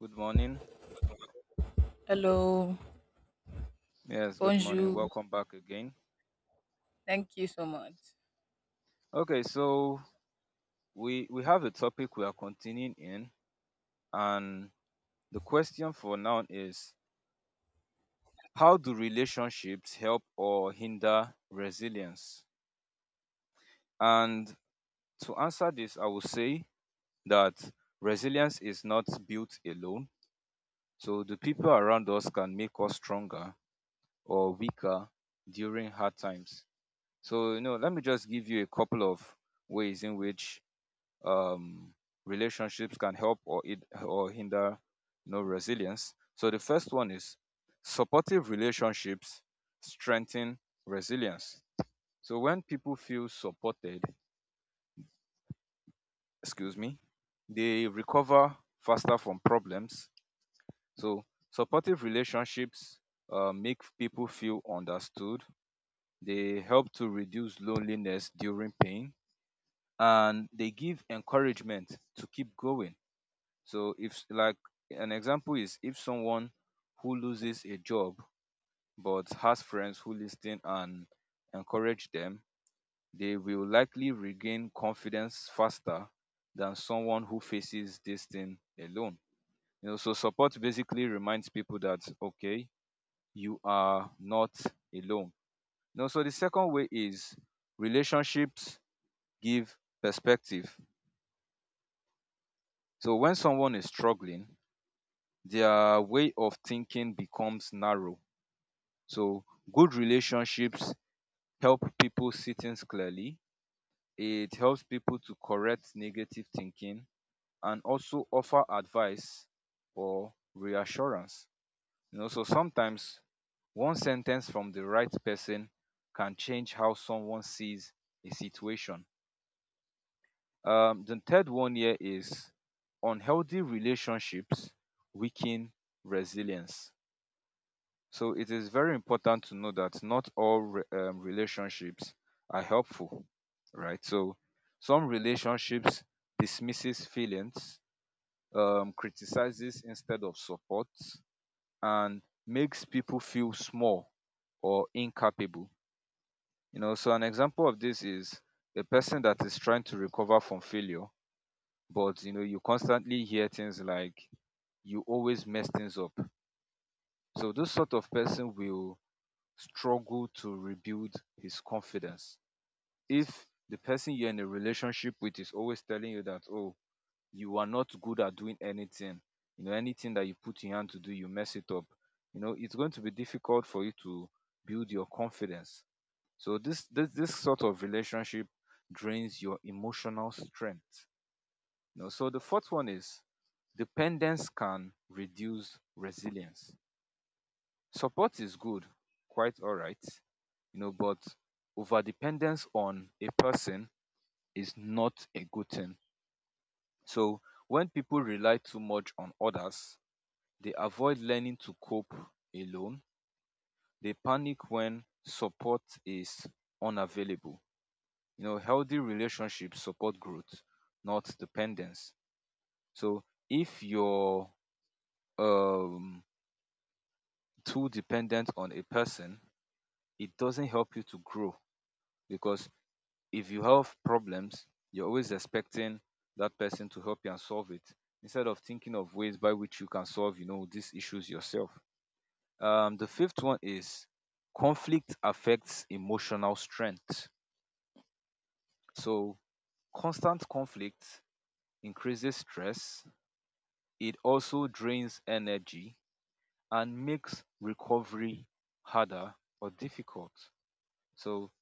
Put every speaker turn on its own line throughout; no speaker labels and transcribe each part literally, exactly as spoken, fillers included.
Good morning.
Hello,
Yes, good morning.
bonjour.
Welcome back again.
Thank you so much.
Okay, so we we have a topic we are continuing in, and the question for now is, how do relationships help or hinder resilience? And to answer this, I will say that resilience is not built alone. So the people around us can make us stronger or weaker during hard times. So, you know, let me just give you a couple of ways in which um, relationships can help or it, or hinder, you know, resilience. So the first one is, supportive relationships strengthen resilience. So when people feel supported, excuse me, they recover faster from problems. So supportive relationships uh, make people feel understood. They help to reduce loneliness during pain, and they give encouragement to keep going. So if like, an example is, if someone who loses a job but has friends who listen and encourage them, they will likely regain confidence faster than someone who faces this thing alone. You know, so support basically reminds people that, okay, you are not alone. You know, so the second way is, relationships give perspective. So when someone is struggling, their way of thinking becomes narrow. So good relationships help people see things clearly. It helps people to correct negative thinking and also offer advice or reassurance. You know, so sometimes one sentence from the right person can change how someone sees a situation. Um, the third one here is, unhealthy relationships weaken resilience. So it is very important to know that not all re- um, relationships are helpful, right? So some relationships dismisses feelings, um, criticizes instead of support, and makes people feel small or incapable. You know, so an example of this is a person that is trying to recover from failure, but you know, you constantly hear things like, you always mess things up. So this sort of person will struggle to rebuild his confidence. If the person you're in a relationship with is always telling you that, oh, you are not good at doing anything, you know, anything that you put your hand to do, you mess it up. You know, it's going to be difficult for you to build your confidence. So this this this sort of relationship drains your emotional strength. You know, so the fourth one is, dependence can reduce resilience. Support is good, quite all right, you know, but overdependence on a person is not a good thing. So when people rely too much on others, they avoid learning to cope alone. They panic when support is unavailable. You know, healthy relationships support growth, not dependence. So if you're um, too dependent on a person, it doesn't help you to grow, because if you have problems, you're always expecting that person to help you and solve it instead of thinking of ways by which you can solve, you know, these issues yourself. Um, the fifth one is, conflict affects emotional strength. So constant conflict increases stress. It also drains energy and makes recovery harder or difficult. So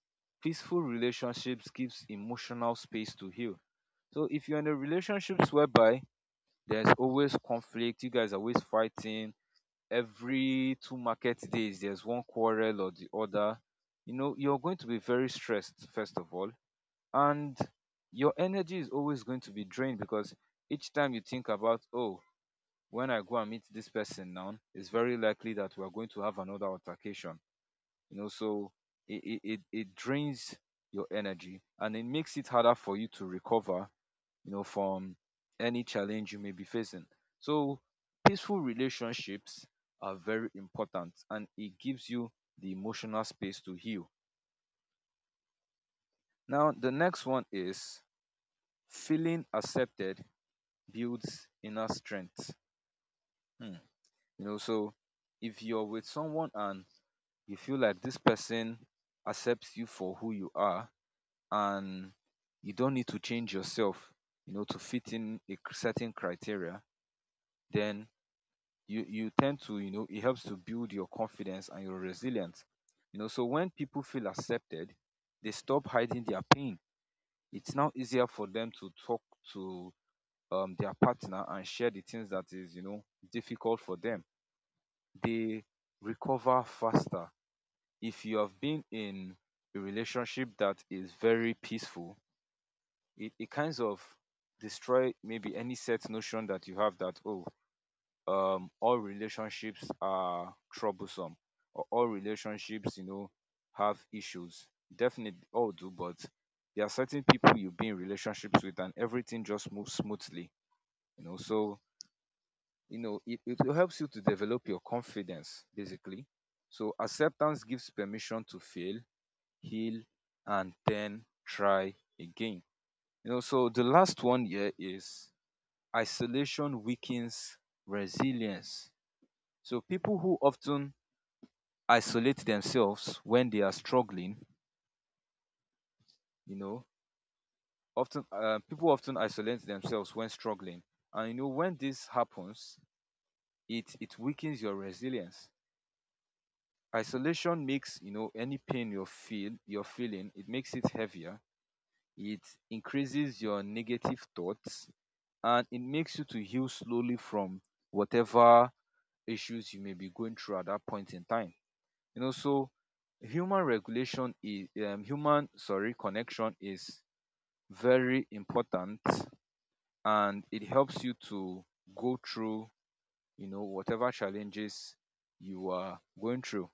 peaceful relationships gives emotional space to heal. So if you're in a relationships whereby there's always conflict. You guys are always fighting. Every two market days, there's one quarrel or the other. You know, you're going to be very stressed, first of all. And your energy is always going to be drained, because each time you think about, oh, when I go and meet this person now, it's very likely that we're going to have another altercation. You know, so it, it, it, it drains your energy and it makes it harder for you to recover, you know, from any challenge you may be facing. So peaceful relationships are very important, and it gives you the emotional space to heal. Now, the next one is, feeling accepted builds inner strength. Hmm. You know, so if you're with someone and you feel like this person accepts you for who you are, and you don't need to change yourself, you know, to fit in a certain criteria, then you you tend to, you know, it helps to build your confidence and your resilience. You know, so when people feel accepted, they stop hiding their pain. It's now easier for them to talk to um, their partner and share the things that is, you know, difficult for them. They recover faster. If you have been in a relationship that is very peaceful, it, it kinds of destroy maybe any set notion that you have, that oh um all relationships are troublesome, or all relationships, you know, have issues. Definitely all do, but there are certain people you be in relationships with and everything just moves smoothly. You know, so, you know, it, it helps you to develop your confidence, basically. So acceptance gives permission to fail, heal, and then try again. You know, so the last one here is, isolation weakens resilience. So people who often isolate themselves when they are struggling, you know, often uh, people often isolate themselves when struggling, and you know when this happens, it it weakens your resilience. Isolation makes, you know, any pain you feel you're feeling, it makes it heavier. It increases your negative thoughts, and it makes you to heal slowly from whatever issues you may be going through at that point in time. You know, so human regulation is um, human sorry connection is very important, and it helps you to go through, you know, whatever challenges you are going through.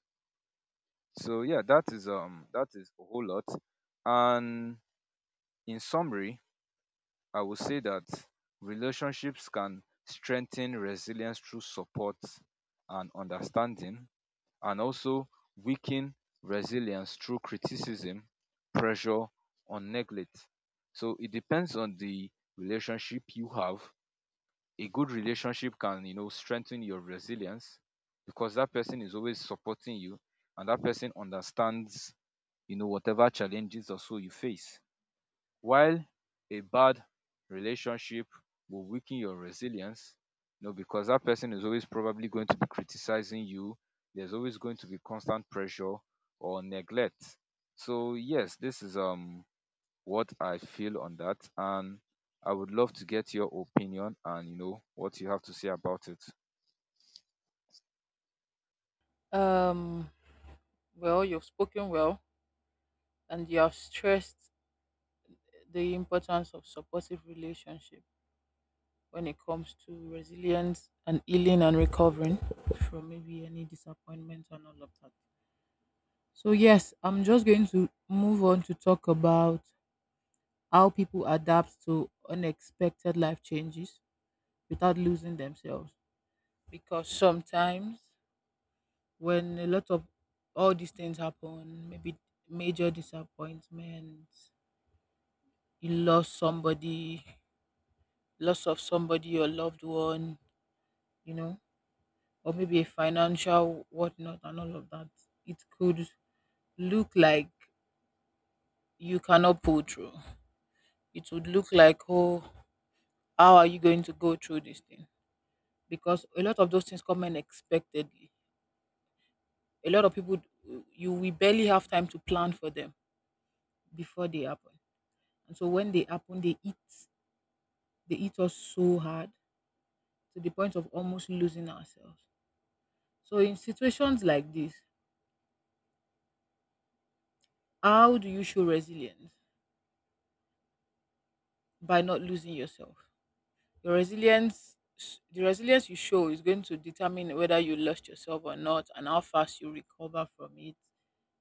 So yeah, that is um that is a whole lot. And in summary, I would say that relationships can strengthen resilience through support and understanding, and also weaken resilience through criticism, pressure, or neglect. So it depends on the relationship you have. A good relationship can, you know, strengthen your resilience, because that person is always supporting you and that person understands, you know, whatever challenges or so you face. While a bad relationship will weaken your resilience, you know, because that person is always probably going to be criticizing you. There's always going to be constant pressure or neglect. So yes, this is um what I feel on that, and I would love to get your opinion and, you know, what you have to say about it.
Um, well, you've spoken well and you have stressed the importance of supportive relationship when it comes to resilience and healing and recovering from maybe any disappointment and all of that. So yes, I'm just going to move on to talk about how people adapt to unexpected life changes without losing themselves, because sometimes when a lot of all these things happen, maybe major disappointments, you lost somebody, loss of somebody, your loved one, you know, or maybe a financial whatnot and all of that, it could look like you cannot pull through. It would look like, oh, how are you going to go through this thing? Because a lot of those things come unexpectedly. A lot of people, you we barely have time to plan for them before they happen. And so when they happen, they eat they eat us so hard to the point of almost losing ourselves. So, in situations like this, how do you show resilience? By not losing yourself. Your resilience, the resilience you show is going to determine whether you lost yourself or not and how fast you recover from it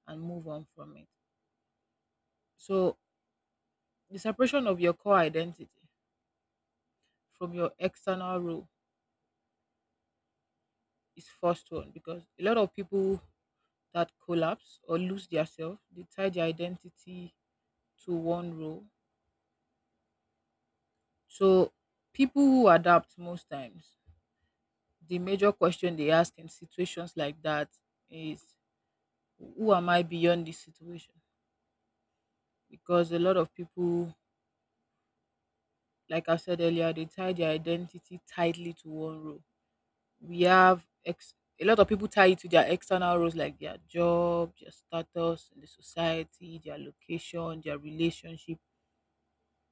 and move on from it. So, the separation of your core identity from your external role is first one, because a lot of people that collapse or lose their self, they tie their identity to one role. So people who adapt most times, the major question they ask in situations like that is, who am I beyond this situation? Because a lot of people, like I said earlier, they tie their identity tightly to one role. We have ex- a lot of people tie it to their external roles like their job, their status in the society, their location, their relationship,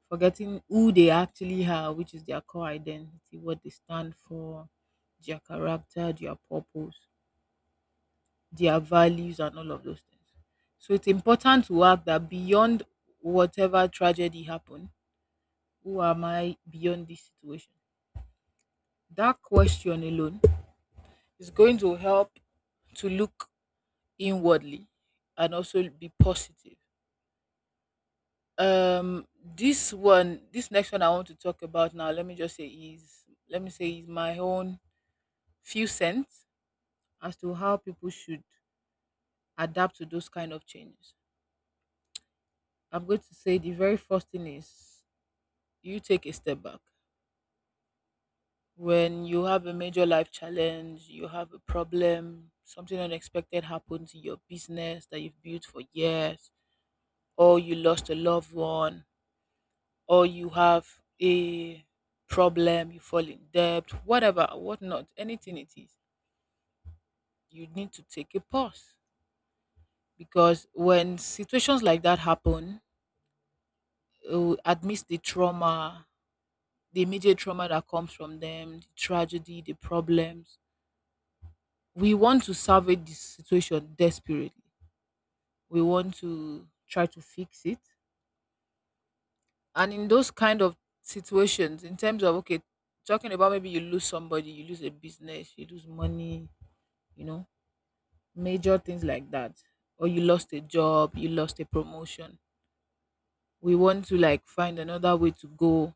forgetting who they actually are, which is their core identity, what they stand for, their character, their purpose, their values, and all of those things. So it's important to act that beyond whatever tragedy happened, who am I beyond this situation? That question alone is going to help to look inwardly and also be positive. Um, this one, this next one I want to talk about now. Let me just say is let me say is my own few cents as to how people should adapt to those kind of changes. I'm going to say the very first thing is you take a step back. When you have a major life challenge, you have a problem, something unexpected happens in your business that you've built for years, or you lost a loved one, or you have a problem, you fall in debt, whatever, whatnot, anything it is, you need to take a pause, because when situations like that happen, uh, admits the trauma, the immediate trauma that comes from them, the tragedy, the problems. We want to salvage the situation desperately. We want to try to fix it. And in those kind of situations, in terms of, okay, talking about maybe you lose somebody, you lose a business, you lose money, you know, major things like that. Or you lost a job, you lost a promotion. We want to like find another way to go,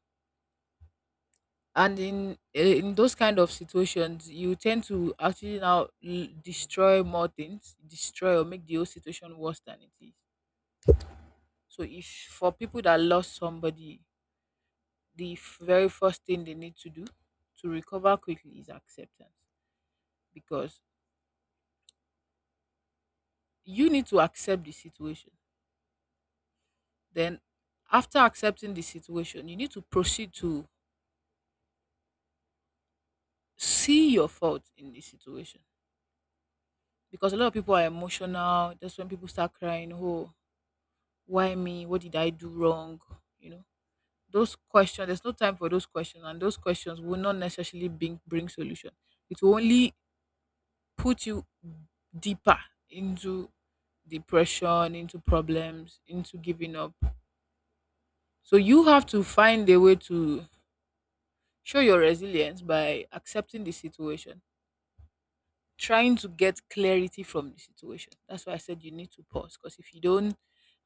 and in eh, in those kind of situations you tend to actually now l- destroy more things, destroy or make the whole situation worse than it is. So if for people that lost somebody, the f- very first thing they need to do to recover quickly is acceptance, because you need to accept the situation. Then after accepting the situation you need to proceed to see your fault in the situation, because a lot of people are emotional. That's when people start crying, oh, why me, what did I do wrong? You know, those questions, there's no time for those questions, and those questions will not necessarily bring bring solution. It will only put you deeper into depression, into problems, into giving up. So you have to find a way to show your resilience by accepting the situation, trying to get clarity from the situation. That's why I said you need to pause, because if you don't,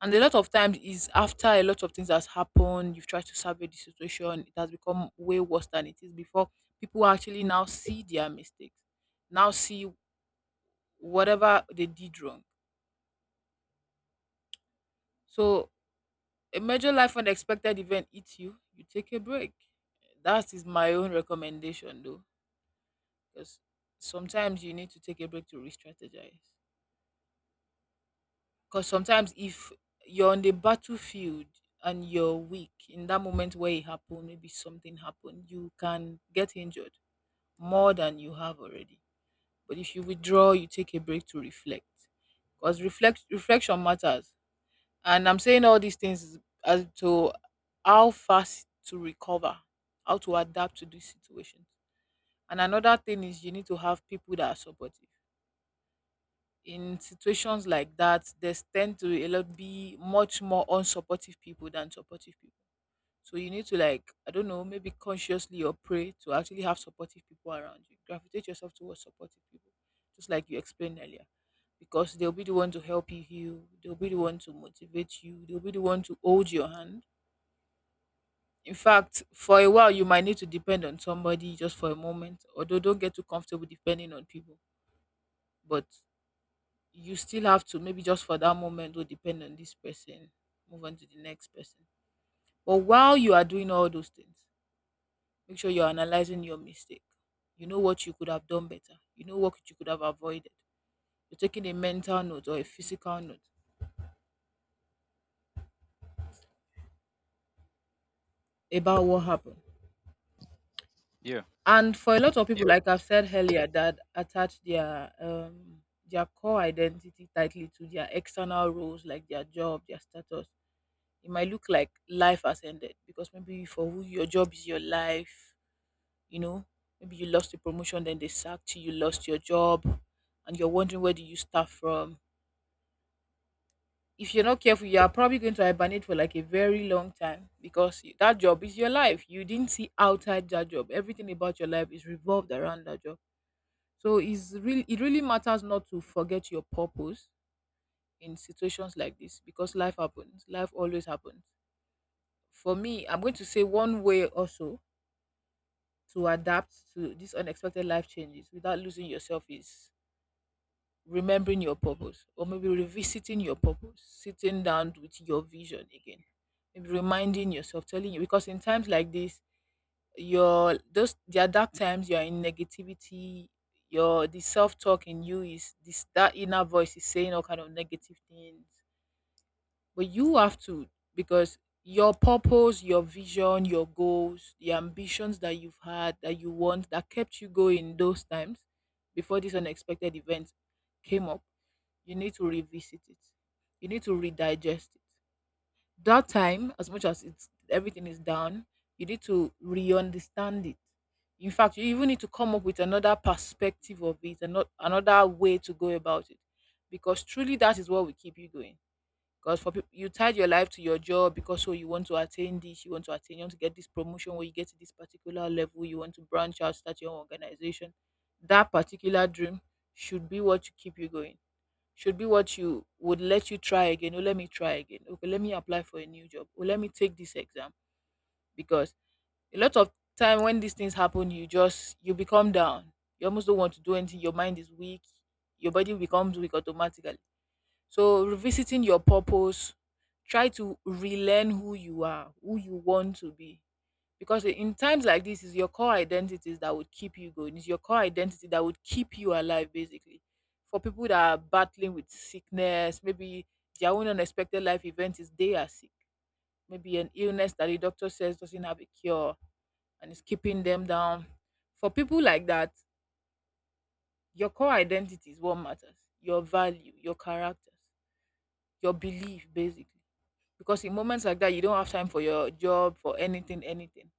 and a lot of times is after a lot of things has happened, you've tried to survey the situation, it has become way worse than it is before. People actually now see their mistakes, now see whatever they did wrong. So a major life unexpected event hits you, you take a break. That is my own recommendation though, because sometimes you need to take a break to re-strategize. Because sometimes if you're on the battlefield and you're weak in that moment where it happened, maybe something happened, you can get injured more than you have already. But if you withdraw, you take a break to reflect. Because reflect reflection matters. And I'm saying all these things as to how fast to recover, how to adapt to these situations. And another thing is you need to have people that are supportive. In situations like that, there's tend to a lot be much more unsupportive people than supportive people. So you need to like, I don't know, maybe consciously or pray to actually have supportive people around you. Gravitate yourself towards supportive people, just like you explained earlier. Because they'll be the one to help you heal, they'll be the one to motivate you, they'll be the one to hold your hand. In fact, for a while you might need to depend on somebody just for a moment, although don't get too comfortable depending on people. But you still have to maybe just for that moment will depend on this person, move on to the next person. But while you are doing all those things, make sure you're analyzing your mistake, you know what you could have done better, you know what you could have avoided, you're taking a mental note or a physical note about what happened.
Yeah.
And for a lot of people, like I've said earlier, that attach their um their core identity tightly to their external roles like their job, their status, it might look like life has ended, because maybe for who your job is your life, you know, maybe you lost the promotion, then they sacked you, you lost your job, and you're wondering where do you start from. If you're not careful, you are probably going to hibernate for like a very long time, because y- that job is your life. You didn't see outside that job. Everything about your life is revolved around that job. So it's really, it really matters not to forget your purpose in situations like this, because life happens. Life always happens. For me, I'm going to say one way also to adapt to these unexpected life changes without losing yourself is remembering your purpose, or maybe revisiting your purpose, sitting down with your vision again, maybe reminding yourself, telling you, because in times like this, your those there are dark times, you are in negativity, your the self talk in you is this, that inner voice is saying all kind of negative things, but you have to, because your purpose, your vision, your goals, the ambitions that you've had that you want that kept you going those times before this unexpected event came up, you need to revisit it, you need to redigest it. That time, as much as it's everything is down, you need to re-understand it. In fact, you even need to come up with another perspective of it and not another way to go about it, because truly that is what will keep you going. Because for people, you tied your life to your job because so you want to attain this, you want to attain, you want to get this promotion where you get to this particular level, you want to branch out, start your own organization. That particular dream should be what you keep you going. Should be what you would let you try again. Oh, let me try again. Okay, let me apply for a new job. Oh, let me take this exam. Because a lot of time when these things happen, you just you become down. You almost don't want to do anything. Your mind is weak. Your body becomes weak automatically. So revisiting your purpose, try to relearn who you are, who you want to be. Because in times like this, is your core identities that would keep you going. It's your core identity that would keep you alive, basically. For people that are battling with sickness, maybe their own unexpected life event is they are sick. Maybe an illness that the doctor says doesn't have a cure and is keeping them down. For people like that, your core identity is what matters. Your value, your characters, your belief, basically, because in moments like that you don't have time for your job, for anything anything,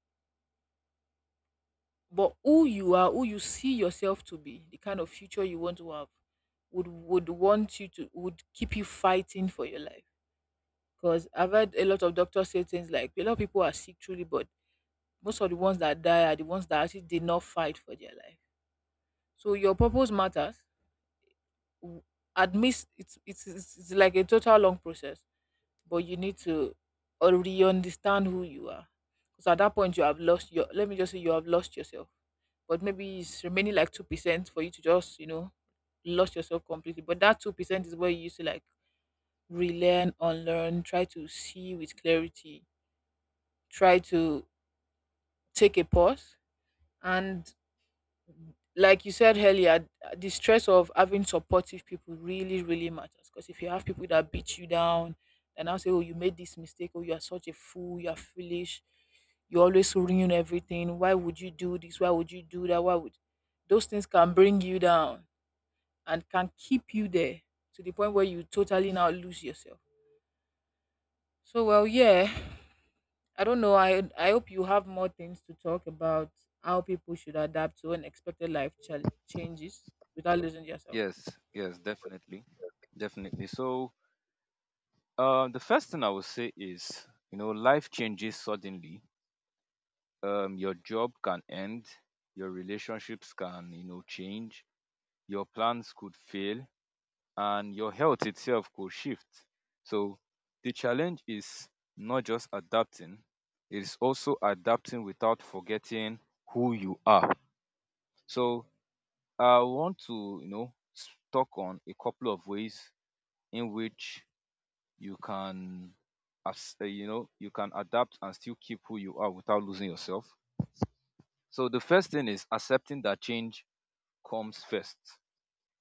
but who you are, who you see yourself to be, the kind of future you want to have, would would want you to would keep you fighting for your life. Because I've heard a lot of doctors say things like a lot of people are sick truly, but most of the ones that die are the ones that actually did not fight for their life. So your purpose matters. W- Admit it's it's, it's it's like a total long process, but you need to already understand who you are. Because at that point, you have lost your. Let me just say you have lost yourself. But maybe it's remaining like two percent for you to just you know lost yourself completely. But that two percent is where you used to like relearn, unlearn, try to see with clarity, try to take a pause, and like you said earlier, the stress of having supportive people really, really matters. Because if you have people that beat you down and now say, "Oh, you made this mistake," "Oh, you are such a fool," "You are foolish," "You always ruin everything," "Why would you do this? Why would you do that? Why would?" Those things can bring you down and can keep you there to the point where you totally now lose yourself. So, well, yeah. I don't know. I I hope you have more things to talk about how people should adapt to unexpected life chal- changes without losing yourself.
Yes. Yes, definitely. Definitely. So, uh, the first thing I would say is, you know, life changes suddenly. Um, your job can end, your relationships can, you know, change, your plans could fail, and your health itself could shift. So the challenge is not just adapting, it is also adapting without forgetting who you are. So I want to, you know, s- talk on a couple of ways in which you can, as uh, you know, you can adapt and still keep who you are without losing yourself. So the first thing is, accepting that change comes first.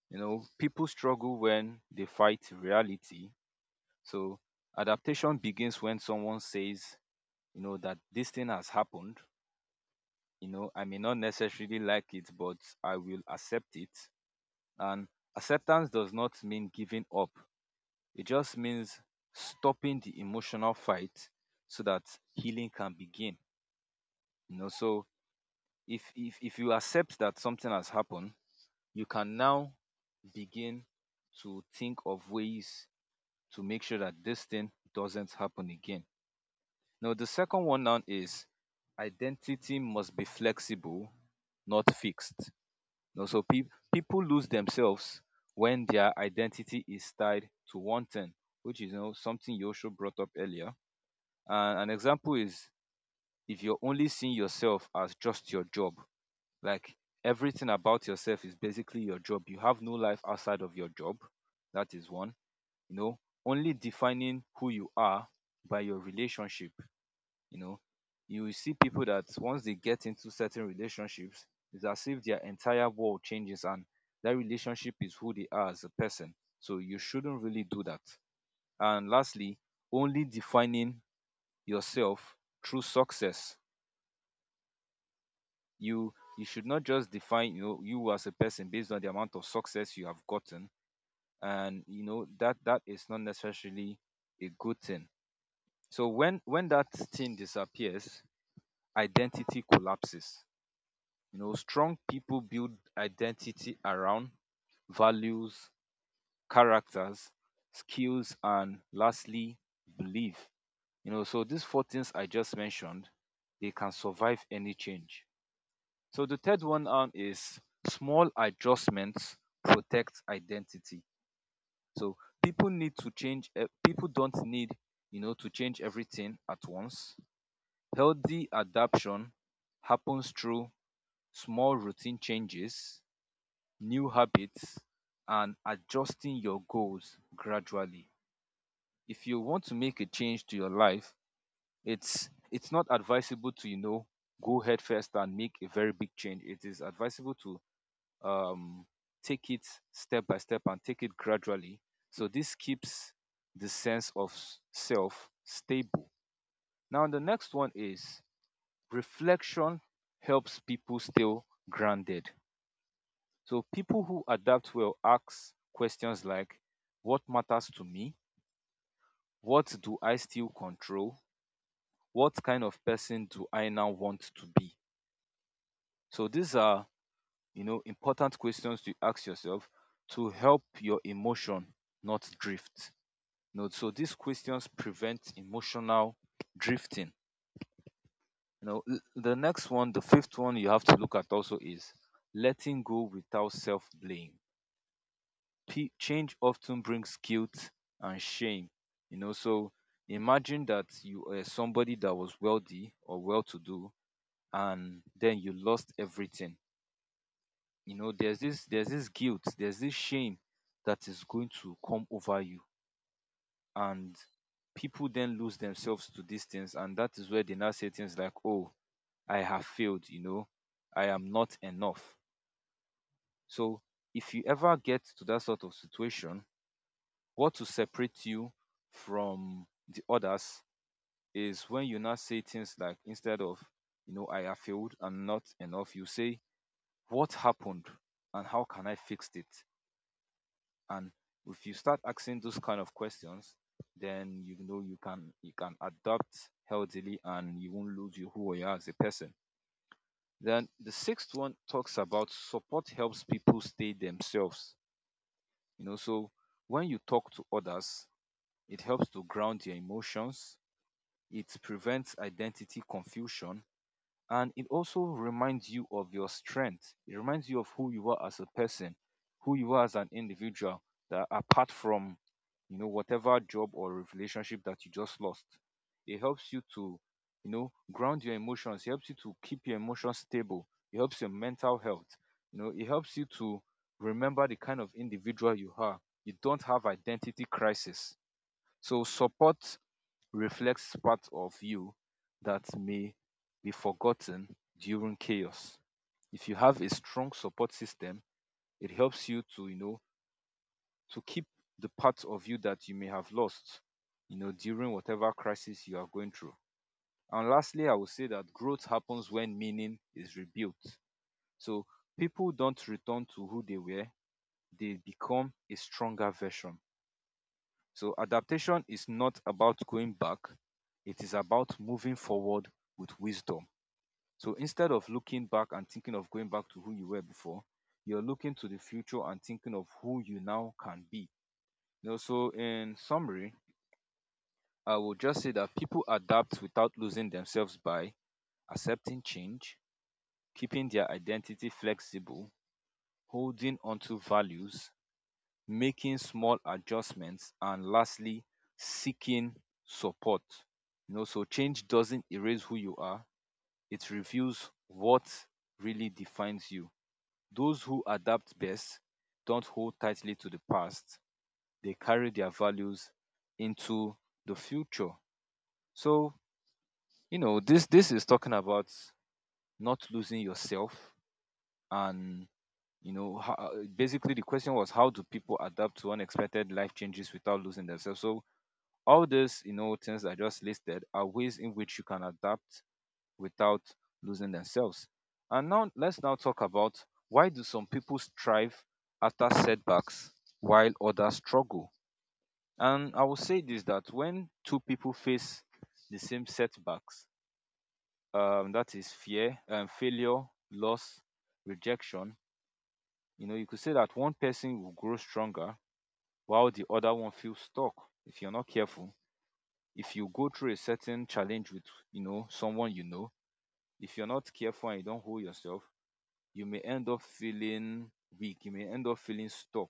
You know, people struggle when they fight reality. So adaptation begins when someone says, you know, that this thing has happened. You know, I may not necessarily like it, but I will accept it. And acceptance does not mean giving up. It just means stopping the emotional fight so that healing can begin. You know, so if if if you accept that something has happened, you can now begin to think of ways to make sure that this thing doesn't happen again. Now, the second one now is, identity must be flexible, not fixed. Now, so pe- people lose themselves when their identity is tied to one thing, which is, you know, something Yosho brought up earlier. And an example is, if you're only seeing yourself as just your job, like everything about yourself is basically your job, you have no life outside of your job. That is one. You know, only defining who you are by your relationship, you know, you will see people that once they get into certain relationships, it's as if their entire world changes, and that relationship is who they are as a person. So you shouldn't really do that. And lastly, only defining yourself through success. You you should not just define, you know, you as a person based on the amount of success you have gotten. And you know that that is not necessarily a good thing. So when when that thing disappears, identity collapses. You know, strong people build identity around values, characters, skills, and lastly, belief. You know, so these four things I just mentioned, they can survive any change. So the third one on is, small adjustments protect identity. So people need to change. eh, People don't need, you know, to change everything at once. Healthy adaptation happens through small routine changes, new habits, and adjusting your goals gradually. If you want to make a change to your life, it's it's not advisable to, you know, go head first and make a very big change. It is advisable to um, take it step by step and take it gradually. So this keeps the sense of s- self stable. Now the next one is reflection helps people stay grounded. So people who adapt will ask questions like what matters to me? What do I still control? What kind of person do I now want to be? So these are, you know, important questions to ask yourself to help your emotion not drift. You know, so these questions prevent emotional drifting. You know, l- the next one, the fifth one you have to look at also is letting go without self blame. P- change often brings guilt and shame. You know, so imagine that you are somebody that was wealthy or well to do and then you lost everything. You know, there's this there's this guilt, there's this shame that is going to come over you, and people then lose themselves to these things, and that is where they now say things like, "Oh, I have failed, you know, I am not enough." So if you ever get to that sort of situation, what to separate you from the others is when you now say things like, instead of you know I have failed and not enough, you say what happened and how can I fix it? And if you start asking those kind of questions, then you know you can you can adapt healthily and you won't lose you who you are as a person. Then the sixth one talks about support helps people stay themselves. You know, so when you talk to others, it helps to ground your emotions, it prevents identity confusion, and it also reminds you of your strength, it reminds you of who you are as a person, who you are as an individual, that apart from you know whatever job or relationship that you just lost, it helps you to you know ground your emotions, it helps you to keep your emotions stable, it helps your mental health, you know it helps you to remember the kind of individual you are, you don't have identity crisis. So support reflects parts of you that may be forgotten during chaos. If you have a strong support system, it helps you to, you know, to keep the parts of you that you may have lost, you know, during whatever crisis you are going through. And lastly, I would say that growth happens when meaning is rebuilt. So people don't return to who they were, they become a stronger version. So adaptation is not about going back, it is about moving forward with wisdom. So instead of looking back and thinking of going back to who you were before, you're looking to the future and thinking of who you now can be. You know, so in summary, I will just say that people adapt without losing themselves by accepting change, keeping their identity flexible, holding onto values, making small adjustments, and lastly, seeking support. You know, so change doesn't erase who you are, it reveals what really defines you. Those who adapt best don't hold tightly to the past, they carry their values into the future. So, you know, this this is talking about not losing yourself, and you know, ho- basically the question was, how do people adapt to unexpected life changes without losing themselves? So all these you know things I just listed are ways in which you can adapt without losing themselves. And now let's now talk about why do some people strive after setbacks while others struggle. And I will say this, that when two people face the same setbacks, um, that is fear and failure, loss, rejection, you know, you could say that one person will grow stronger while the other one feels stuck. If you're not careful, if you go through a certain challenge with you know someone you know, if you're not careful and you don't hold yourself, you may end up feeling weak, you may end up feeling stuck,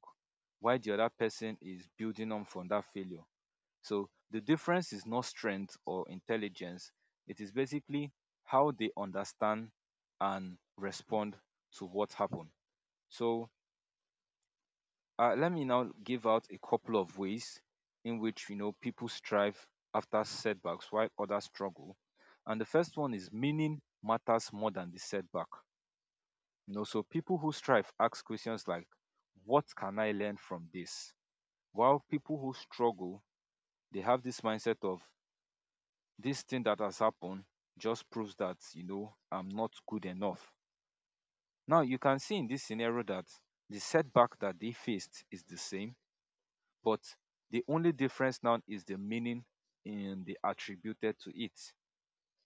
while the other person is building on from that failure. So the difference is not strength or intelligence, it is basically how they understand and respond to what happened. So Uh, let me now give out a couple of ways in which you know people strive after setbacks while others struggle. And the first one is meaning matters more than the setback. You know, so people who strive ask questions like, "What can I learn from this?" While people who struggle, they have this mindset of, "This thing that has happened just proves that you know I'm not good enough." Now you can see in this scenario that the setback that they faced is the same, but the only difference now is the meaning in the attributed to it.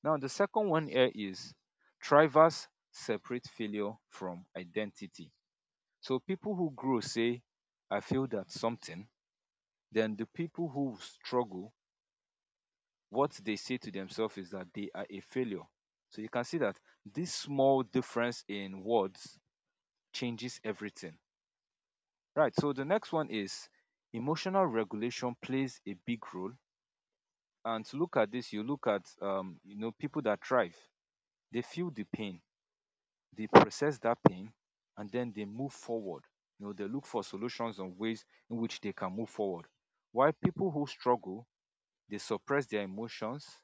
Now, the second one here is drivers separate failure from identity. So people who grow say, I failed at something. Then the people who struggle, what they say to themselves is that they are a failure. So you can see that this small difference in words changes everything. Right. So the next one is emotional regulation plays a big role, and to look at this you look at um, you know people that thrive, they feel the pain, they process that pain, and then they move forward. You know, they look for solutions and ways in which they can move forward, while people who struggle, they suppress their emotions,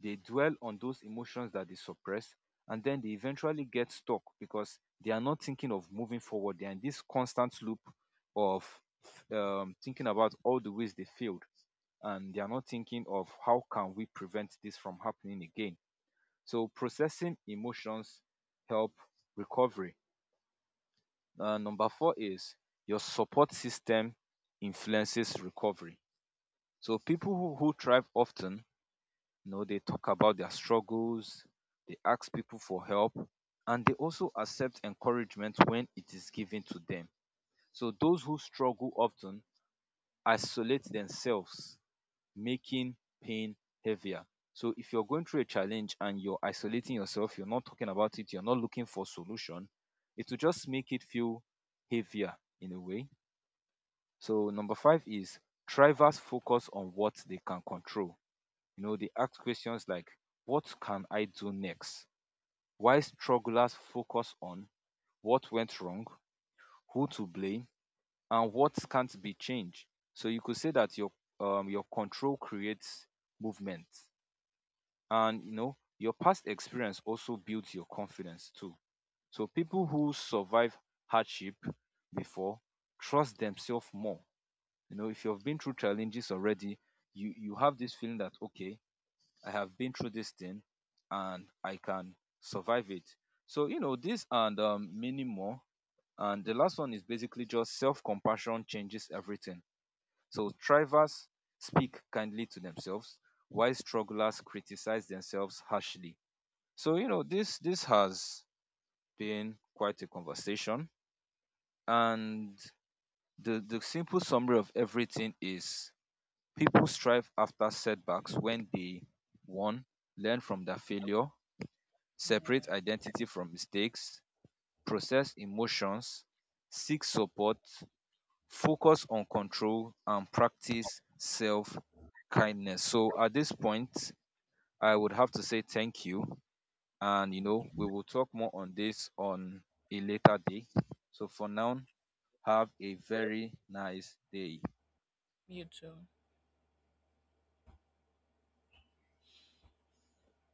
they dwell on those emotions that they suppress, and then they eventually get stuck because they are not thinking of moving forward, they're in this constant loop of um, thinking about all the ways they failed, and they are not thinking of how can we prevent this from happening again. So processing emotions help recovery. Uh, number four is your support system influences recovery. So people who, who thrive often, you know, they talk about their struggles, they ask people for help, and they also accept encouragement when it is given to them. So those who struggle often isolate themselves, making pain heavier. So if you're going through a challenge and you're isolating yourself, you're not talking about it, you're not looking for solution, it will just make it feel heavier in a way. So number five is drivers focus on what they can control. You know, they ask questions like, what can I do next? Why strugglers focus on what went wrong, who to blame, and what can't be changed. So you could say that your um, your control creates movement, and you know your past experience also builds your confidence too. So people who survive hardship before trust themselves more. You know, if you've been through challenges already, you you have this feeling that okay, I have been through this thing, and I can survive it. So you know this and um, many more. And the last one is basically just self-compassion changes everything. So thrivers speak kindly to themselves while strugglers criticize themselves harshly. So you know this this has been quite a conversation, and the the simple summary of everything is people strive after setbacks when they one, learn from their failure, separate
Yeah,
identity from mistakes, process emotions, seek support, focus on control, and practice self kindness. So at this point, I would have to say thank you, and you know we will talk more on this on a later day. So for now, have a very nice day.
you too.